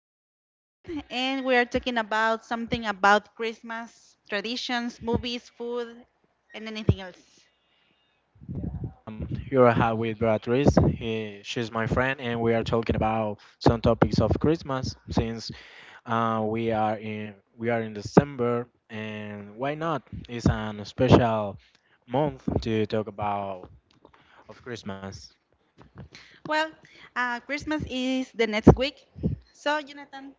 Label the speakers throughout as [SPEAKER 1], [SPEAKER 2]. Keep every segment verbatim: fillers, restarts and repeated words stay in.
[SPEAKER 1] here with a friend, and we are talking about something about Christmas traditions, movies, food, and anything else.
[SPEAKER 2] Um, you are here with Beatriz. He, she's my friend, and we are talking about some topics of Christmas since uh, we are in we are in December, and why not? It's an special month to talk about of Christmas.
[SPEAKER 1] Well, uh, Christmas is the next week. So, Jonathan,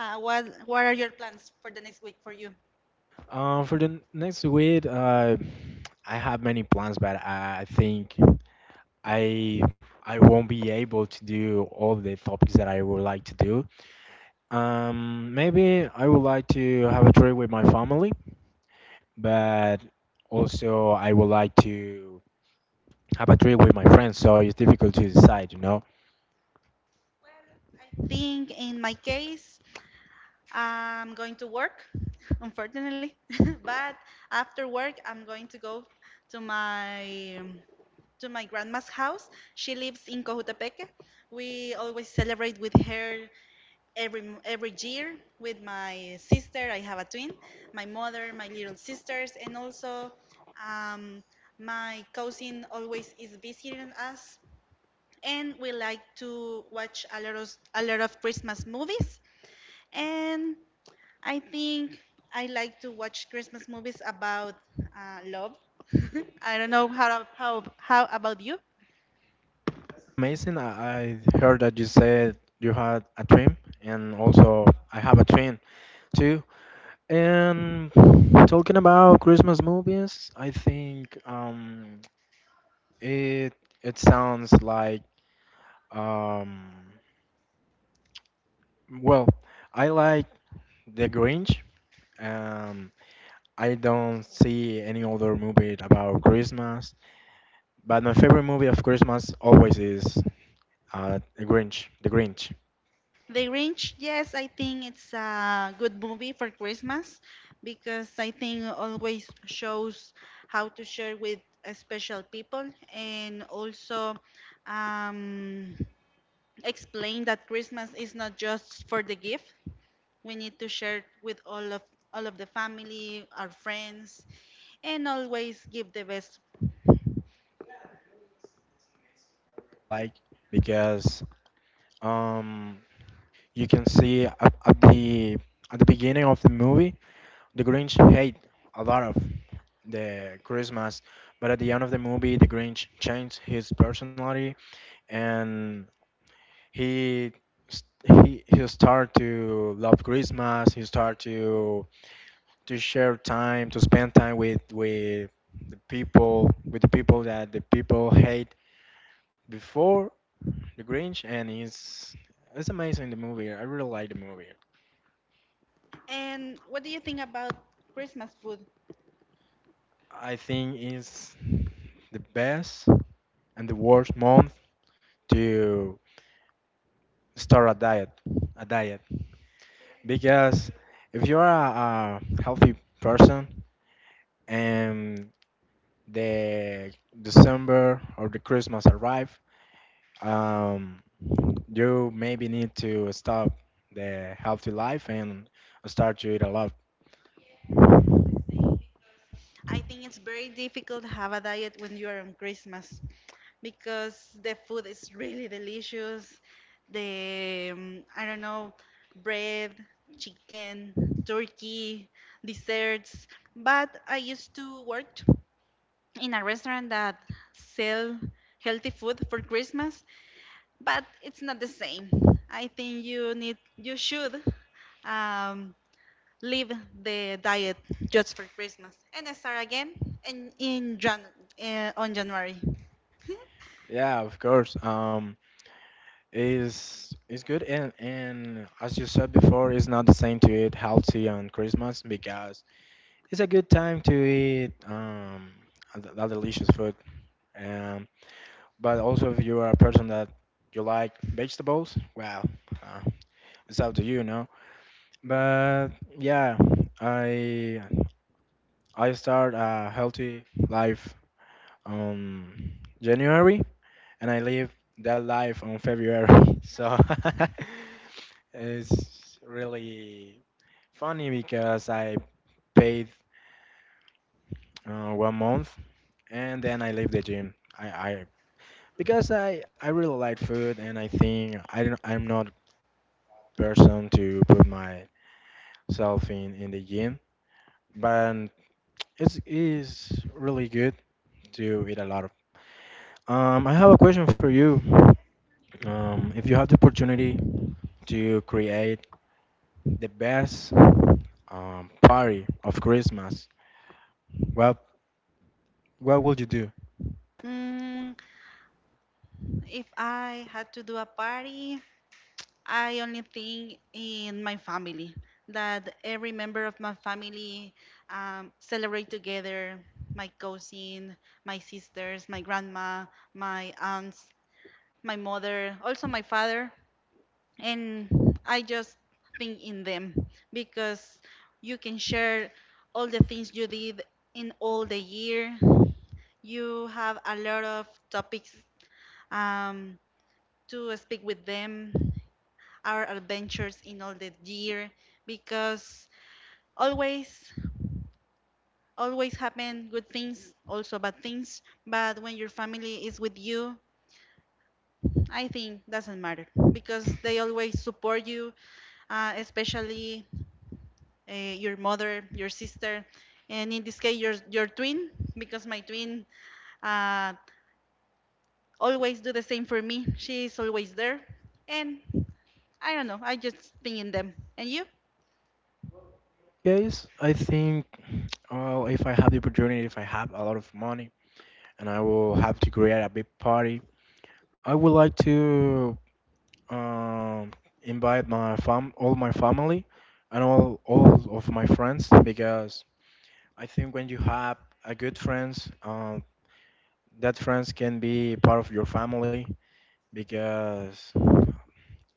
[SPEAKER 1] uh, what, what are your plans for the next week for you?
[SPEAKER 2] Uh, for the next week, uh, I have many plans, but I, I think I I won't be able to do all the topics that I would like to do. Um, maybe I would like to have a trip with my family, but also I would like to have a trip with my friends, so it's difficult to decide, you know.
[SPEAKER 1] Think in my case, I'm going to work, unfortunately, but after work, I'm going to go to my to my grandma's house. She lives in Cojutepeque. We always celebrate with her every every year with my sister. I have a twin, my mother, my little sisters, and also um, my cousin always is visiting us. And we like to watch a lot of a lot of Christmas movies. And I think I like to watch Christmas movies about uh, love. I don't know how, how how about you?
[SPEAKER 2] Amazing, I, I heard that you said you had a twin, and also I have a twin too. And talking about Christmas movies, I think um, it it sounds like um, well, I like The Grinch. Um, I don't see any other movie about Christmas. But my favorite movie of Christmas always is uh, The Grinch. The Grinch,
[SPEAKER 1] The Grinch, yes, I think it's a good movie for Christmas because I think always shows how to share with uh, special people, and also um, explain that Christmas is not just for the gift. We need to share with all of all of the family, our friends, and always give the best.
[SPEAKER 2] like because um, you can see at, at the at the beginning of the movie, the Grinch hate a lot of the Christmas, but at the end of the movie, the Grinch changed his personality and he s- he he start to love Christmas. He start to to share time, to spend time with with the people, with the people that the people hate before the Grinch, and it's it's amazing the movie. I really like the movie.
[SPEAKER 1] And what do you think about Christmas food?
[SPEAKER 2] I think it's the best and the worst month to start a diet, a diet, because if you are a, a healthy person and the December or the Christmas arrive, um, you maybe need to stop the healthy life and start to eat a lot.
[SPEAKER 1] I think it's very difficult to have a diet when you are on Christmas because the food is really delicious. The um, I don't know, bread, chicken, turkey, desserts. But I used to work in a restaurant that sell healthy food for Christmas, but it's not the same. I think you need, you should um, leave the diet just for Christmas and start again in, in Jan, uh, on January.
[SPEAKER 2] Yeah, of course. Um, is is good and and as you said before, it's not the same to eat healthy on Christmas because it's a good time to eat um th- that delicious food. Um, but also if you are a person that you like vegetables, well, uh, it's up to you, no? But yeah, I. I start a healthy life on January and I live that life on February. So it's really funny because I paid uh, one month and then I leave the gym. I, I because I, I really like food and I think I don't I'm not person to put myself in in the gym, but it's is really good to eat a lot. Um, I have a question for you. Um, if you have the opportunity to create the best um, party of Christmas, what what would you do?
[SPEAKER 1] Mm, if I had to do a party, I only think in my family that every member of my family um, celebrate together. My cousin, my sisters, my grandma, my aunts, my mother, also my father, and I just think in them because you can share all the things you did in all the year. You have a lot of topics um, to speak with them, our adventures in all the year, because always always happen good things, also bad things. But when your family is with you, I think doesn't matter because they always support you, uh, especially uh, your mother, your sister, and in this case, your your twin. Because my twin uh, always do the same for me. She is always there, and I don't know. I just think in them. And you?
[SPEAKER 2] Guys, I think uh, if I have the opportunity, if I have a lot of money, and I will have to create a big party, I would like to um, invite my fam, all my family, and all all of my friends because I think when you have a good friends, uh, that friends can be part of your family because,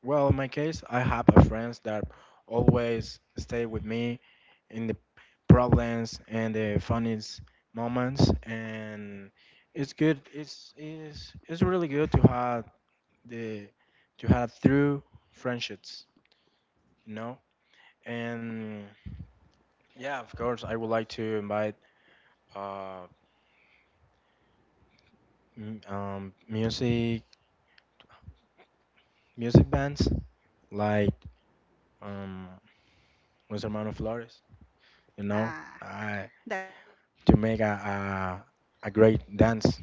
[SPEAKER 2] well, in my case, I have a friends that always stay with me in the problems and the funniest moments, and it's good. It's it's it's really good to have the to have through friendships, you know. And yeah, of course, I would like to invite uh m- um music music bands like. Um, Luis Hermano Flores, you know,
[SPEAKER 1] Ah,
[SPEAKER 2] I,
[SPEAKER 1] that
[SPEAKER 2] to make a, a, a great dance.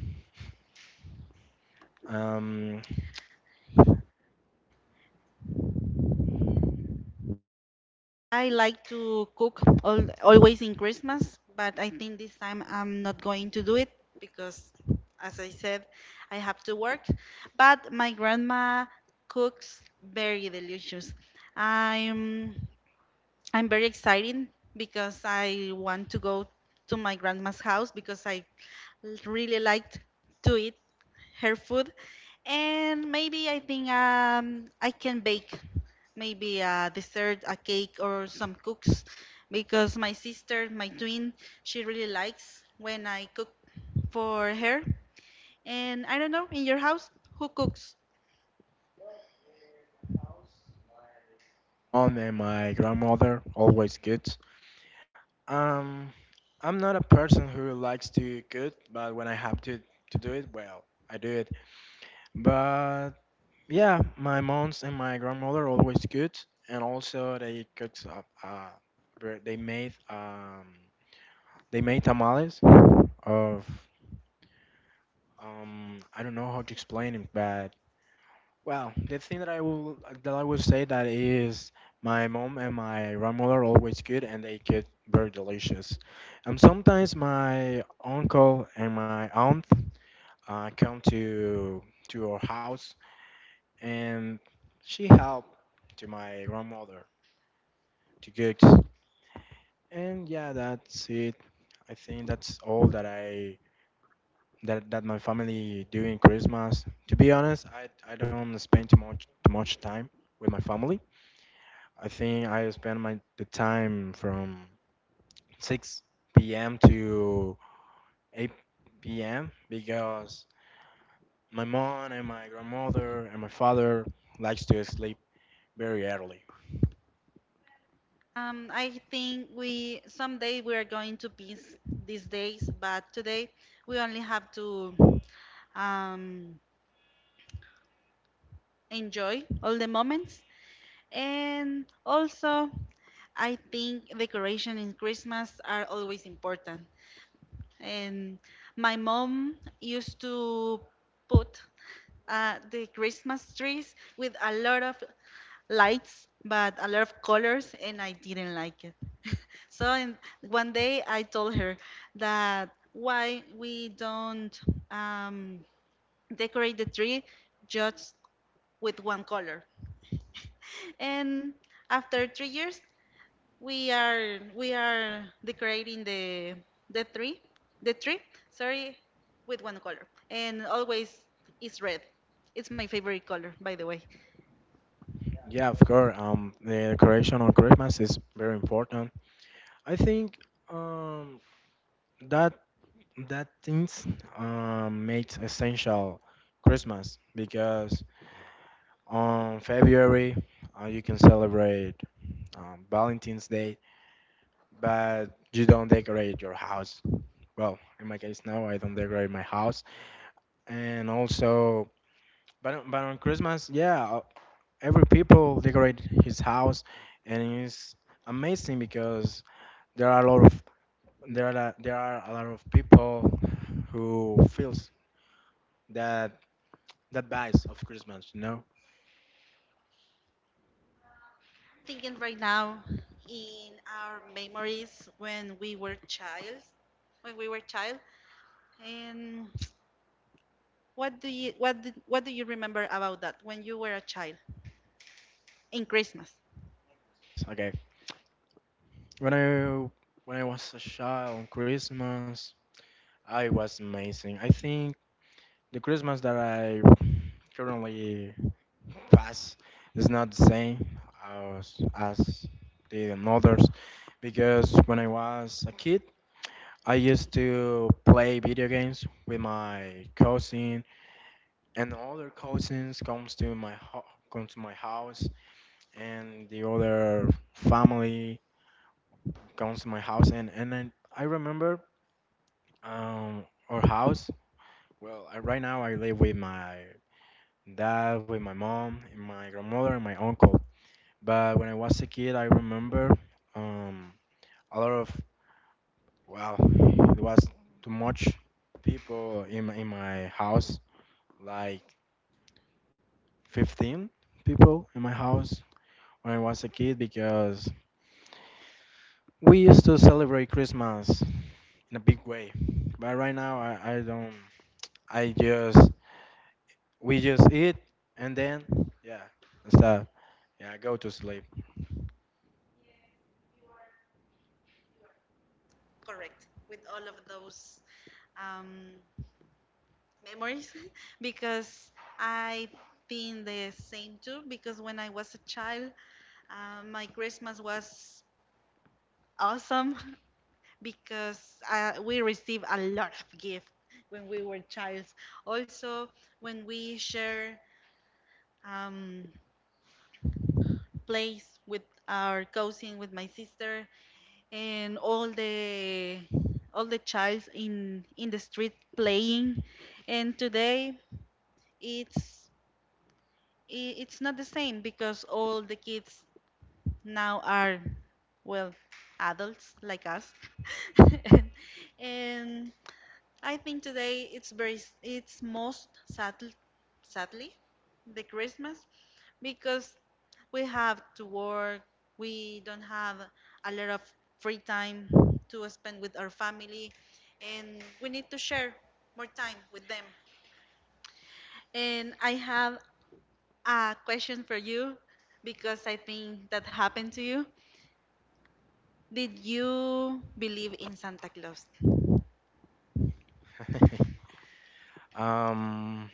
[SPEAKER 2] Um,
[SPEAKER 1] I like to cook all, always in Christmas, but I think this time I'm not going to do it because, as I said, I have to work. But my grandma cooks very delicious. I'm I'm very excited because I want to go to my grandma's house because I l- really liked to eat her food. And maybe I think um, I can bake maybe a dessert, a cake, or some cooks because my sister, my twin, she really likes when I cook for her. And I don't know, in your house, who cooks?
[SPEAKER 2] mom and my grandmother always good. Um, I'm not a person who likes to cook, but when I have to to do it, well, I do it. But yeah, my moms and my grandmother always good, and also they cooked up. Uh, ver- they made um, they made tamales of um, I don't know how to explain it, but well, the thing that I will that I will say that is my mom and my grandmother always cook and they cook very delicious. And sometimes my uncle and my aunt uh, come to to our house and she help to my grandmother to cook. And yeah, that's it. I think that's all that I that that my family do in Christmas. To be honest, I I don't spend too much too much time with my family. I think I spend my the time from six p m to eight p m because my mom and my grandmother and my father likes to sleep very early.
[SPEAKER 1] Um, I think we someday we are going to peace these days, but today we only have to um, enjoy all the moments. And also, I think decoration in Christmas are always important. And my mom used to put uh, the Christmas trees with a lot of lights, but a lot of colors, and I didn't like it. So in, one day I told her that why we don't um, decorate the tree just with one color. And after three years, we are we are decorating the the tree, the tree, sorry, with one color, and always it's red. It's my favorite color, by the way.
[SPEAKER 2] Yeah, of course. Um, the decoration on Christmas is very important. I think um that that things um makes essential Christmas because on February uh, you can celebrate um, Valentine's Day, but you don't decorate your house. Well, in my case, no, I don't decorate my house. And also, but on- but on Christmas, yeah, uh, every people decorate his house, and it's amazing because there are a lot of there are a- there are a lot of people who feels that that vibes of Christmas, you know.
[SPEAKER 1] Thinking right now in our memories when we were child, when we were child, and what do you what do, what do you remember about that when you were a child in Christmas?
[SPEAKER 2] Okay, when I when I was a child on Christmas, I was amazing. I think the Christmas that I currently fast is not the same as as the others because when I was a kid, I used to play video games with my cousin, and other cousins comes to my ho- comes to my house, and the other family comes to my house, and and then I remember um, our house. Well, I, right now I live with my dad, with my mom, and my grandmother, and my uncle. But when I was a kid, I remember um, a lot of well, there was too much people in my, in my house, like fifteen people in my house when I was a kid because we used to celebrate Christmas in a big way. But right now, I, I don't. I just we just eat and then yeah, that's that. Yeah, go to sleep.
[SPEAKER 1] Correct, with all of those um, memories, because I think the same too. Because when I was a child, uh, my Christmas was awesome. Because uh, we receive a lot of gift when we were childs. Also, when we share um, place with our cousin, with my sister, and all the all the childs in in the street playing. And today, it's i- it's not the same because all the kids now are well adults like us. And I think today it's very s- it's most sadl sadly the Christmas because we have to work, we don't have a lot of free time to spend with our family, and we need to share more time with them. And I have a question for you because I think that happened to you. Did you believe in Santa Claus?
[SPEAKER 2] um,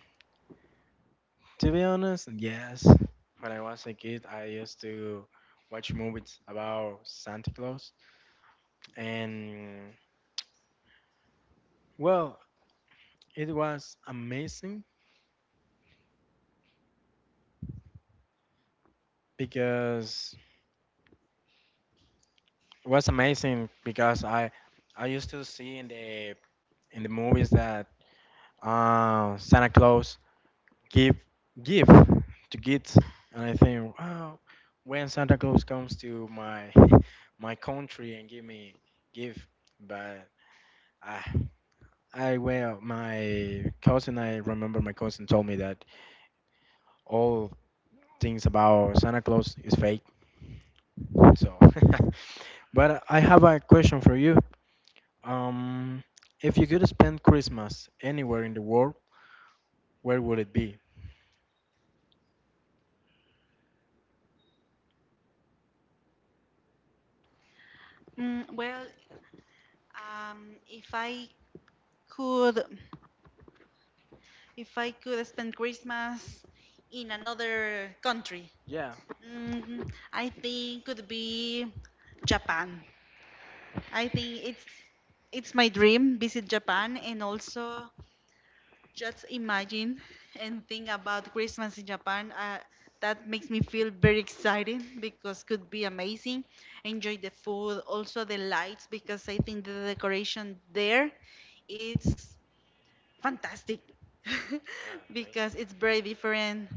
[SPEAKER 2] to be honest, yes. When I was a kid, I used to watch movies about Santa Claus, and well, it was amazing because it was amazing because I I used to see in the in the movies that uh, Santa Claus give give to kids, and I think wow, when Santa Claus comes to my my country and give me give, but. Ah, I well, my cousin. I remember my cousin told me that all things about Santa Claus is fake. So, but I have a question for you. Um, if you could spend Christmas anywhere in the world, where would it be?
[SPEAKER 1] Mm, well, um, if I could If I could spend Christmas in another country,
[SPEAKER 2] Yeah.
[SPEAKER 1] mm, I think could be Japan. I think it's it's my dream visit Japan and also just imagine and think about Christmas in Japan. Uh, that makes me feel very excited because could be amazing. Enjoy the food, also the lights, because I think the decoration there it's fantastic
[SPEAKER 2] Yeah, amazing.
[SPEAKER 1] because it's very different.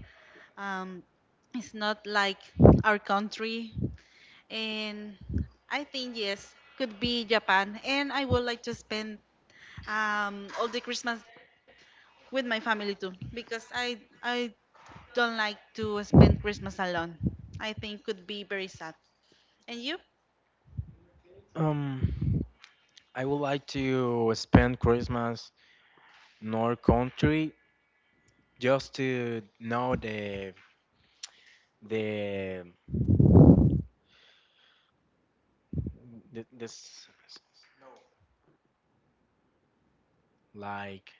[SPEAKER 1] Um, it's not like our country, and I think yes, could be Japan. And I would like to spend um, all the Christmas there with my family too because I I don't like to spend Christmas alone. I think could be very sad. And you?
[SPEAKER 2] Yes, um, I would like to spend Christmas in our country just to know the the Th- this, like,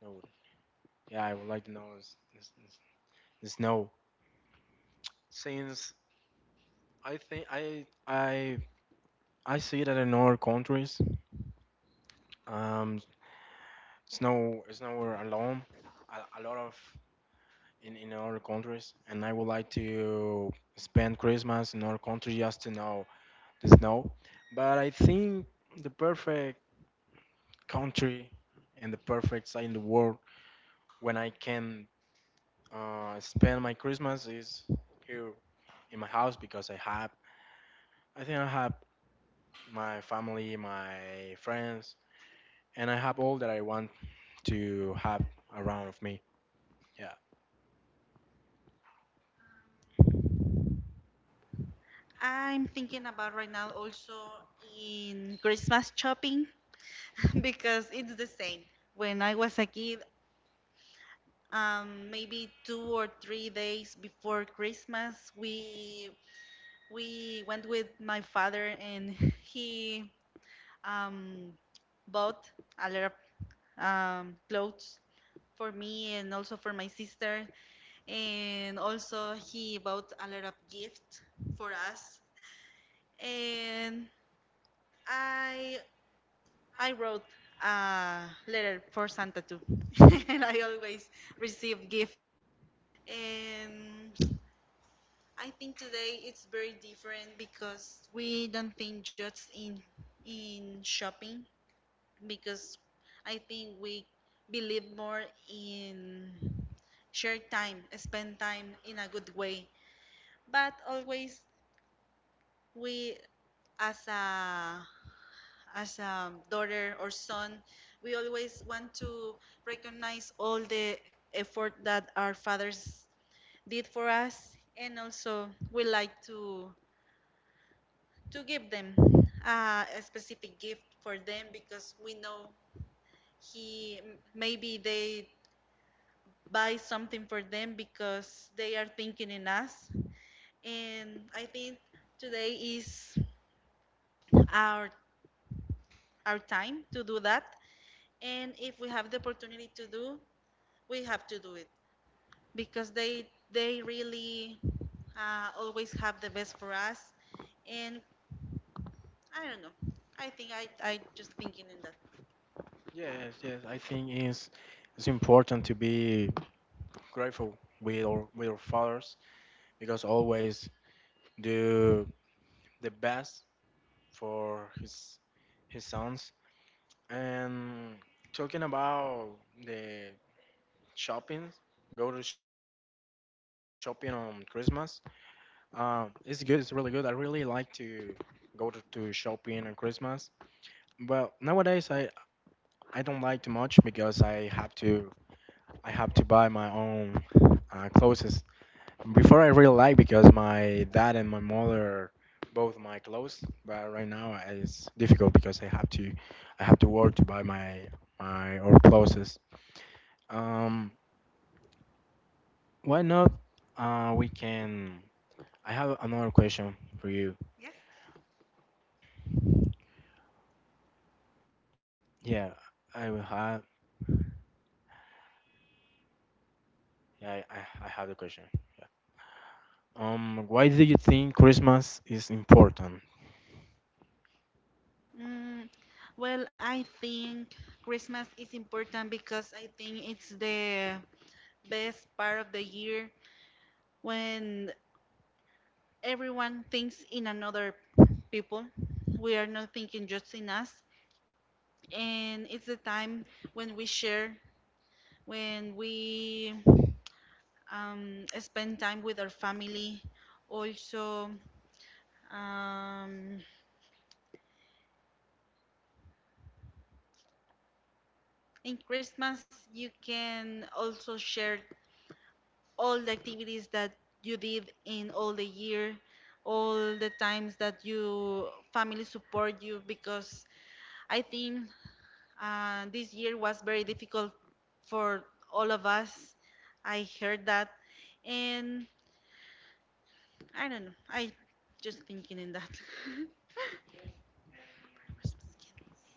[SPEAKER 2] no, yeah, I would like to know is is, is, is no. Since I think I I I see that in other countries, um, it's no it's nowhere alone. A, a lot of in in other countries, and I would like to spend Christmas in other country just to know the snow. But I think the perfect country and the perfect side in the world when I can Uh, I spend my Christmas is here in my house because I have, I think I have my family, my friends, and I have all that I want to have around of me. Yeah.
[SPEAKER 1] I'm thinking about right now also in Christmas shopping. Because it's the same. When I was a kid, um, maybe two or three days before Christmas, we we went with my father, and he um, bought a lot of um, clothes for me and also for my sister, and also he bought a lot of gifts for us. And I I wrote a letter for Santa too, and I always receive gift. And I think today it's very different because we don't think just in in shopping because I think we believe more in share time, spend time in a good way. But always we as a as a daughter or son, we always want to recognize all the effort that our fathers did for us, and also we like to to give them uh, a specific gift for them because we know he maybe they buy something for them because they are thinking in us, and I think today is our our time to do that. And if we have the opportunity to do, we have to do it because they they really uh, always have the best for us. And I don't know, I think i i just thinking in that.
[SPEAKER 2] Yes, yes. I think it's it's important to be grateful with our with our fathers because always do the best for his his sons. And talking about the shopping, go to shopping on Christmas. Um, it's good. It's really good. I really like to go to, to shopping on Christmas. Well, nowadays I I don't like too much because I have to I have to buy my own uh, clothes. Before I really like because my dad and my mother both my clothes, but right now uh, it's difficult because I have to I have to work to buy my my own clothes. Um, why not? Uh, we can. I have another question for you.
[SPEAKER 1] Yes.
[SPEAKER 2] Yeah. I will have. Yeah, I, I I have the question. Yeah. Um, why do you think Christmas is important?
[SPEAKER 1] Mm, well, I think Christmas is important because I think it's the best part of the year when everyone thinks in another people. We are not thinking just in us, and it's the time when we share, when we um, spend time with our family. Also, um, in Christmas, you can also share all the activities that you did in all the year, all the times that you family support you. Because I think uh, this year was very difficult for all of us. I heard that, and I don't know. I just thinking in that.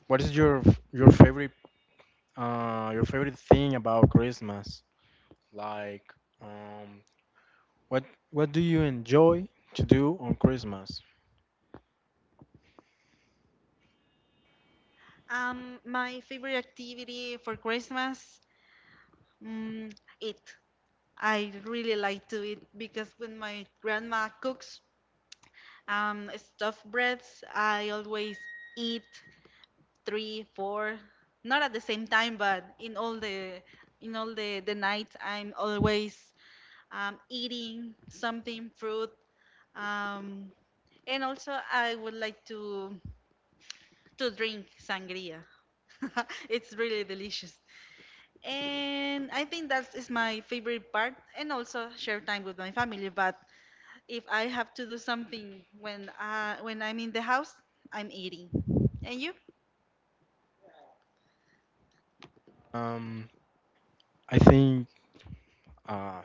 [SPEAKER 2] What is your f- your favorite uh your favorite thing about Christmas? Like, um, what what do you enjoy to do on Christmas?
[SPEAKER 1] Um, my favorite activity for Christmas, mm, eat. I really like to eat because when my grandma cooks um, stuffed breads, I always eat three, four, not at the same time, but in all the in all the the nights, I'm always um, eating something, fruit, um, and also I would like to to drink sangria. It's really delicious. And I think that is my favorite part, and also share time with my family. But if I have to do something when uh, when I'm in the house, I'm eating. And you?
[SPEAKER 2] Um, I think uh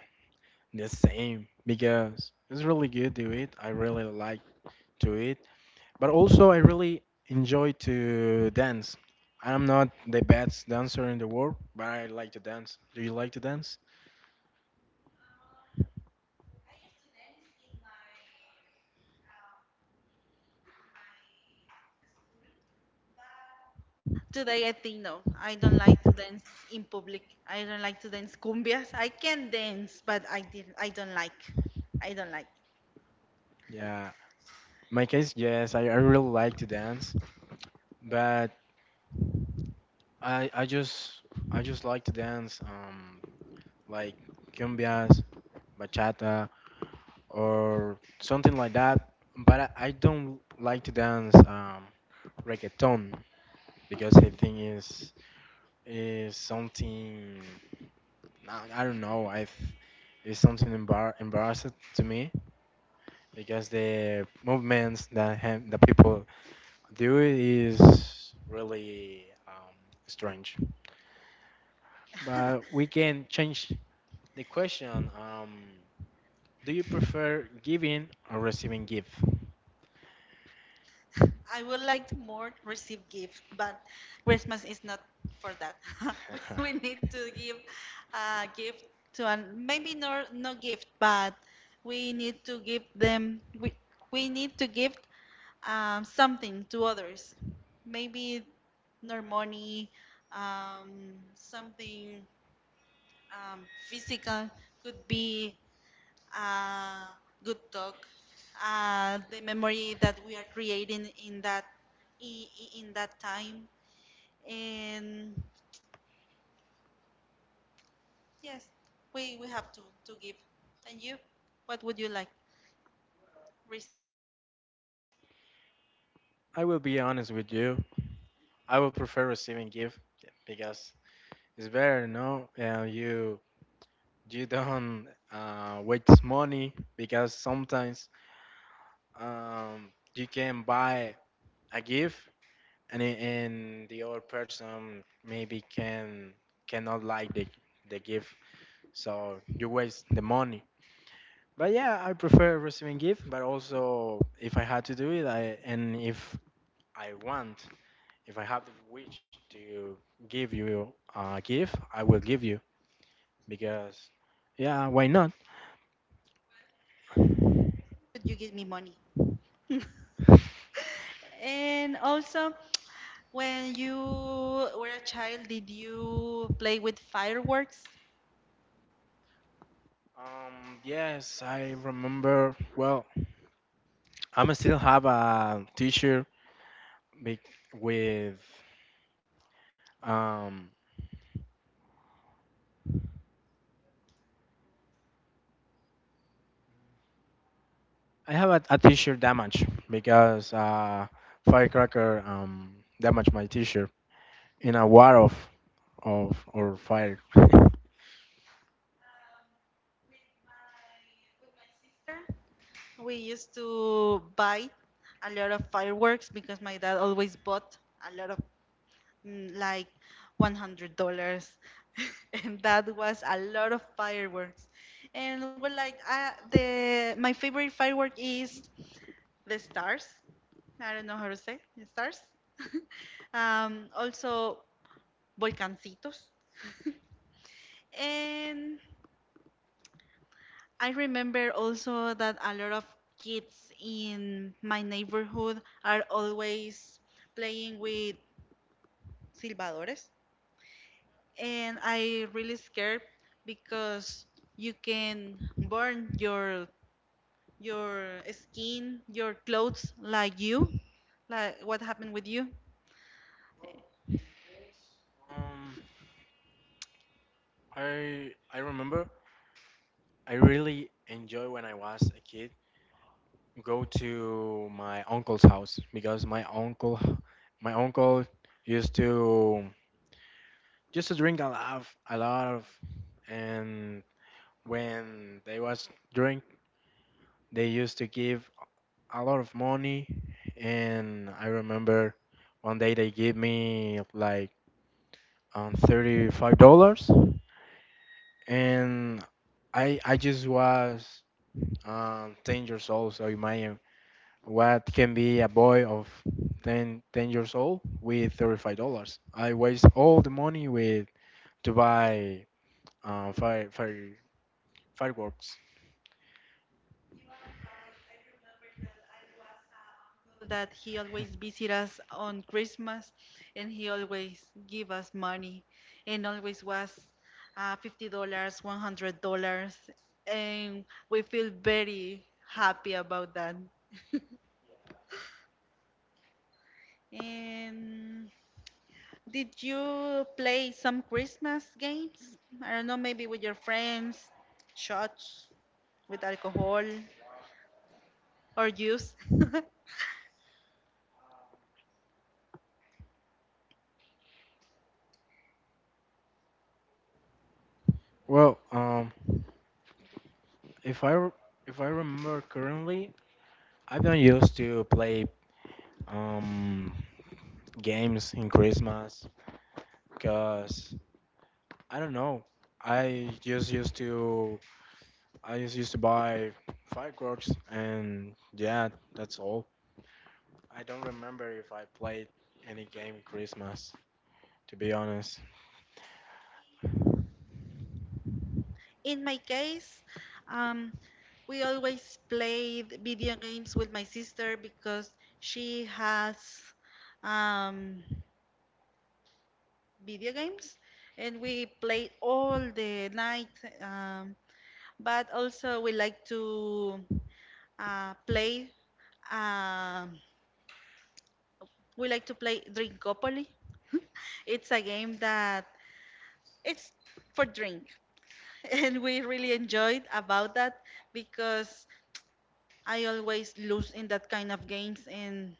[SPEAKER 2] the same because it's really good to it. I really like to it, but also I really enjoy to dance. I'm not the best dancer in the world, but I like to dance. Do you like to dance?
[SPEAKER 1] Today I think no, I don't like to dance in public. I don't like to dance cumbias. I can dance, but I did I don't like. I don't like.
[SPEAKER 2] Yeah, in my case, yes, I, I really like to dance, but I I just I just like to dance um like cumbias, bachata, or something like that. But I, I don't like to dance um reggaeton because I think is is something I, I don't know I th- it's something embar embarrassing to me because the movements that have, the people dude is really um, strange. But we can change the question. Um, do you prefer giving or receiving gift?
[SPEAKER 1] I would like to more receive gift, but Christmas is not for that. we we need to give a gift to an maybe no no gift, but we need to give them we we need to give um, something to others. Maybe nor money, um, something um, physical could be uh, good talk, uh, the memory that we are creating in that i- i- in that time, and yes, we we have to to give. And you, what would you like? Receive?
[SPEAKER 2] I will be honest with you. I would prefer receiving gift because it's better, no? Uh, you you don't uh, waste money because sometimes um, you can buy a gift and it, and the other person maybe can cannot like the the gift, so you waste the money. But yeah, I prefer receiving gift, but also if I had to do it, I, and if I want if I have the wish to give you a gift, I will give you because yeah, why not.
[SPEAKER 1] Would you give me money? And also, when you were a child, did you play with fireworks?
[SPEAKER 2] um yes, I remember, well, I'm still have a t-shirt bec- with um I have a, a t-shirt damage because uh, firecracker um, damaged my t-shirt in a war of of or fire.
[SPEAKER 1] We used to buy a lot of fireworks because my dad always bought a lot of mm, like one hundred dollars and that was a lot of fireworks, and well, like uh, the my favorite firework is the stars. I don't know how to say the stars. Um, also volcancitos. And I remember also that a lot of kids in my neighborhood are always playing with silbadores, and I really scared because you can burn your your skin, your clothes, like you, like what happened with you.
[SPEAKER 2] Um, I I remember I really enjoy when I was a kid go to my uncle's house because my uncle my uncle used to used to drink a lot of, a lot of and when they was they used to give a lot of money, and I remember one day they gave me like um, thirty-five dollars, and I I just was um, ten years old, so imagine what can be a boy of ten ten years old with thirty-five dollars. I waste all the money with to buy um, fire, fire fireworks.
[SPEAKER 1] That he always visit us on Christmas, and he always give us money, and always was uh, fifty dollars, one hundred dollars, and we feel very happy about that. And Did you play some Christmas games? I don't know, maybe with your friends, shots with alcohol or juice.
[SPEAKER 2] Well, um, if I re- if I remember currently, I've been used to play um, games in Christmas because I don't know. I just used to I just used to buy fireworks and yeah, that's all. I don't remember if I played any game in Christmas. To be honest,
[SPEAKER 1] In my case, um, we always played video games with my sister because she has um, video games and we played all the night. Um, but also, we like to uh, play. um We like to play Drinkopoly. It's a game that it's for drink, and we really enjoyed about that because I always lose in that kind of games, and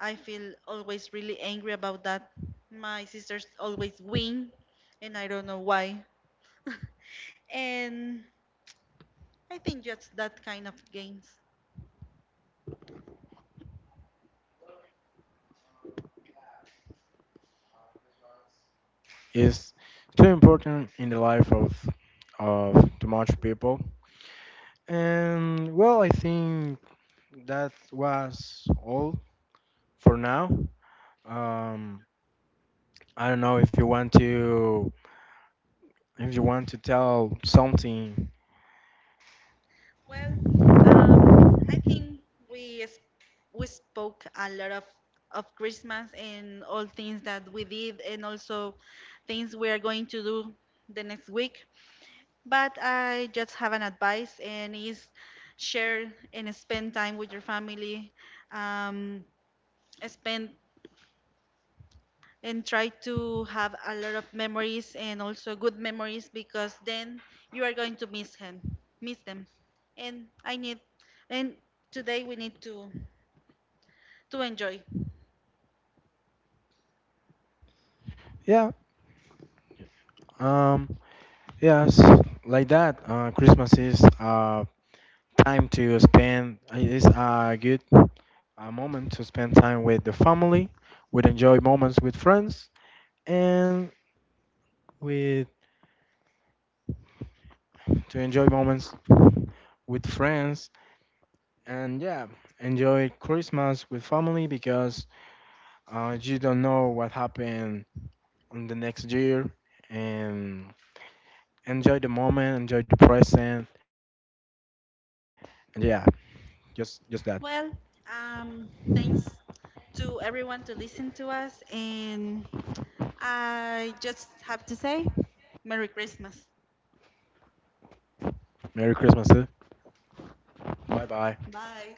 [SPEAKER 1] I feel always really angry about that. My sisters always win, and I don't know why. And I think just that kind of games.
[SPEAKER 2] it's too important in the life of of too much people. And well, I think that was all for now. Um, I don't know if you want to if you want to tell something.
[SPEAKER 1] Well, um, I think we s- we spoke a lot of of Christmas and all things that we did, and also things we are going to do the next week. But I just have an advice, and is share and spend time with your family. Um, spend and try to have a lot of memories, and also good memories, because then you are going to miss him miss them. And i need and today we need to to enjoy.
[SPEAKER 2] Yeah. Um. yes. Like that. Uh, Christmas is uh time to spend. It's a good a moment to spend time with the family, with enjoy moments with friends, and with to enjoy moments with friends. And yeah, enjoy Christmas with family because uh, you don't know what happened on the next year and enjoy the moment, enjoy the present, and yeah, just just that.
[SPEAKER 1] Well, um thanks to everyone, to listen to us. And I just have to say merry Christmas.
[SPEAKER 2] Merry Christmas, eh? Bye bye.
[SPEAKER 1] Bye.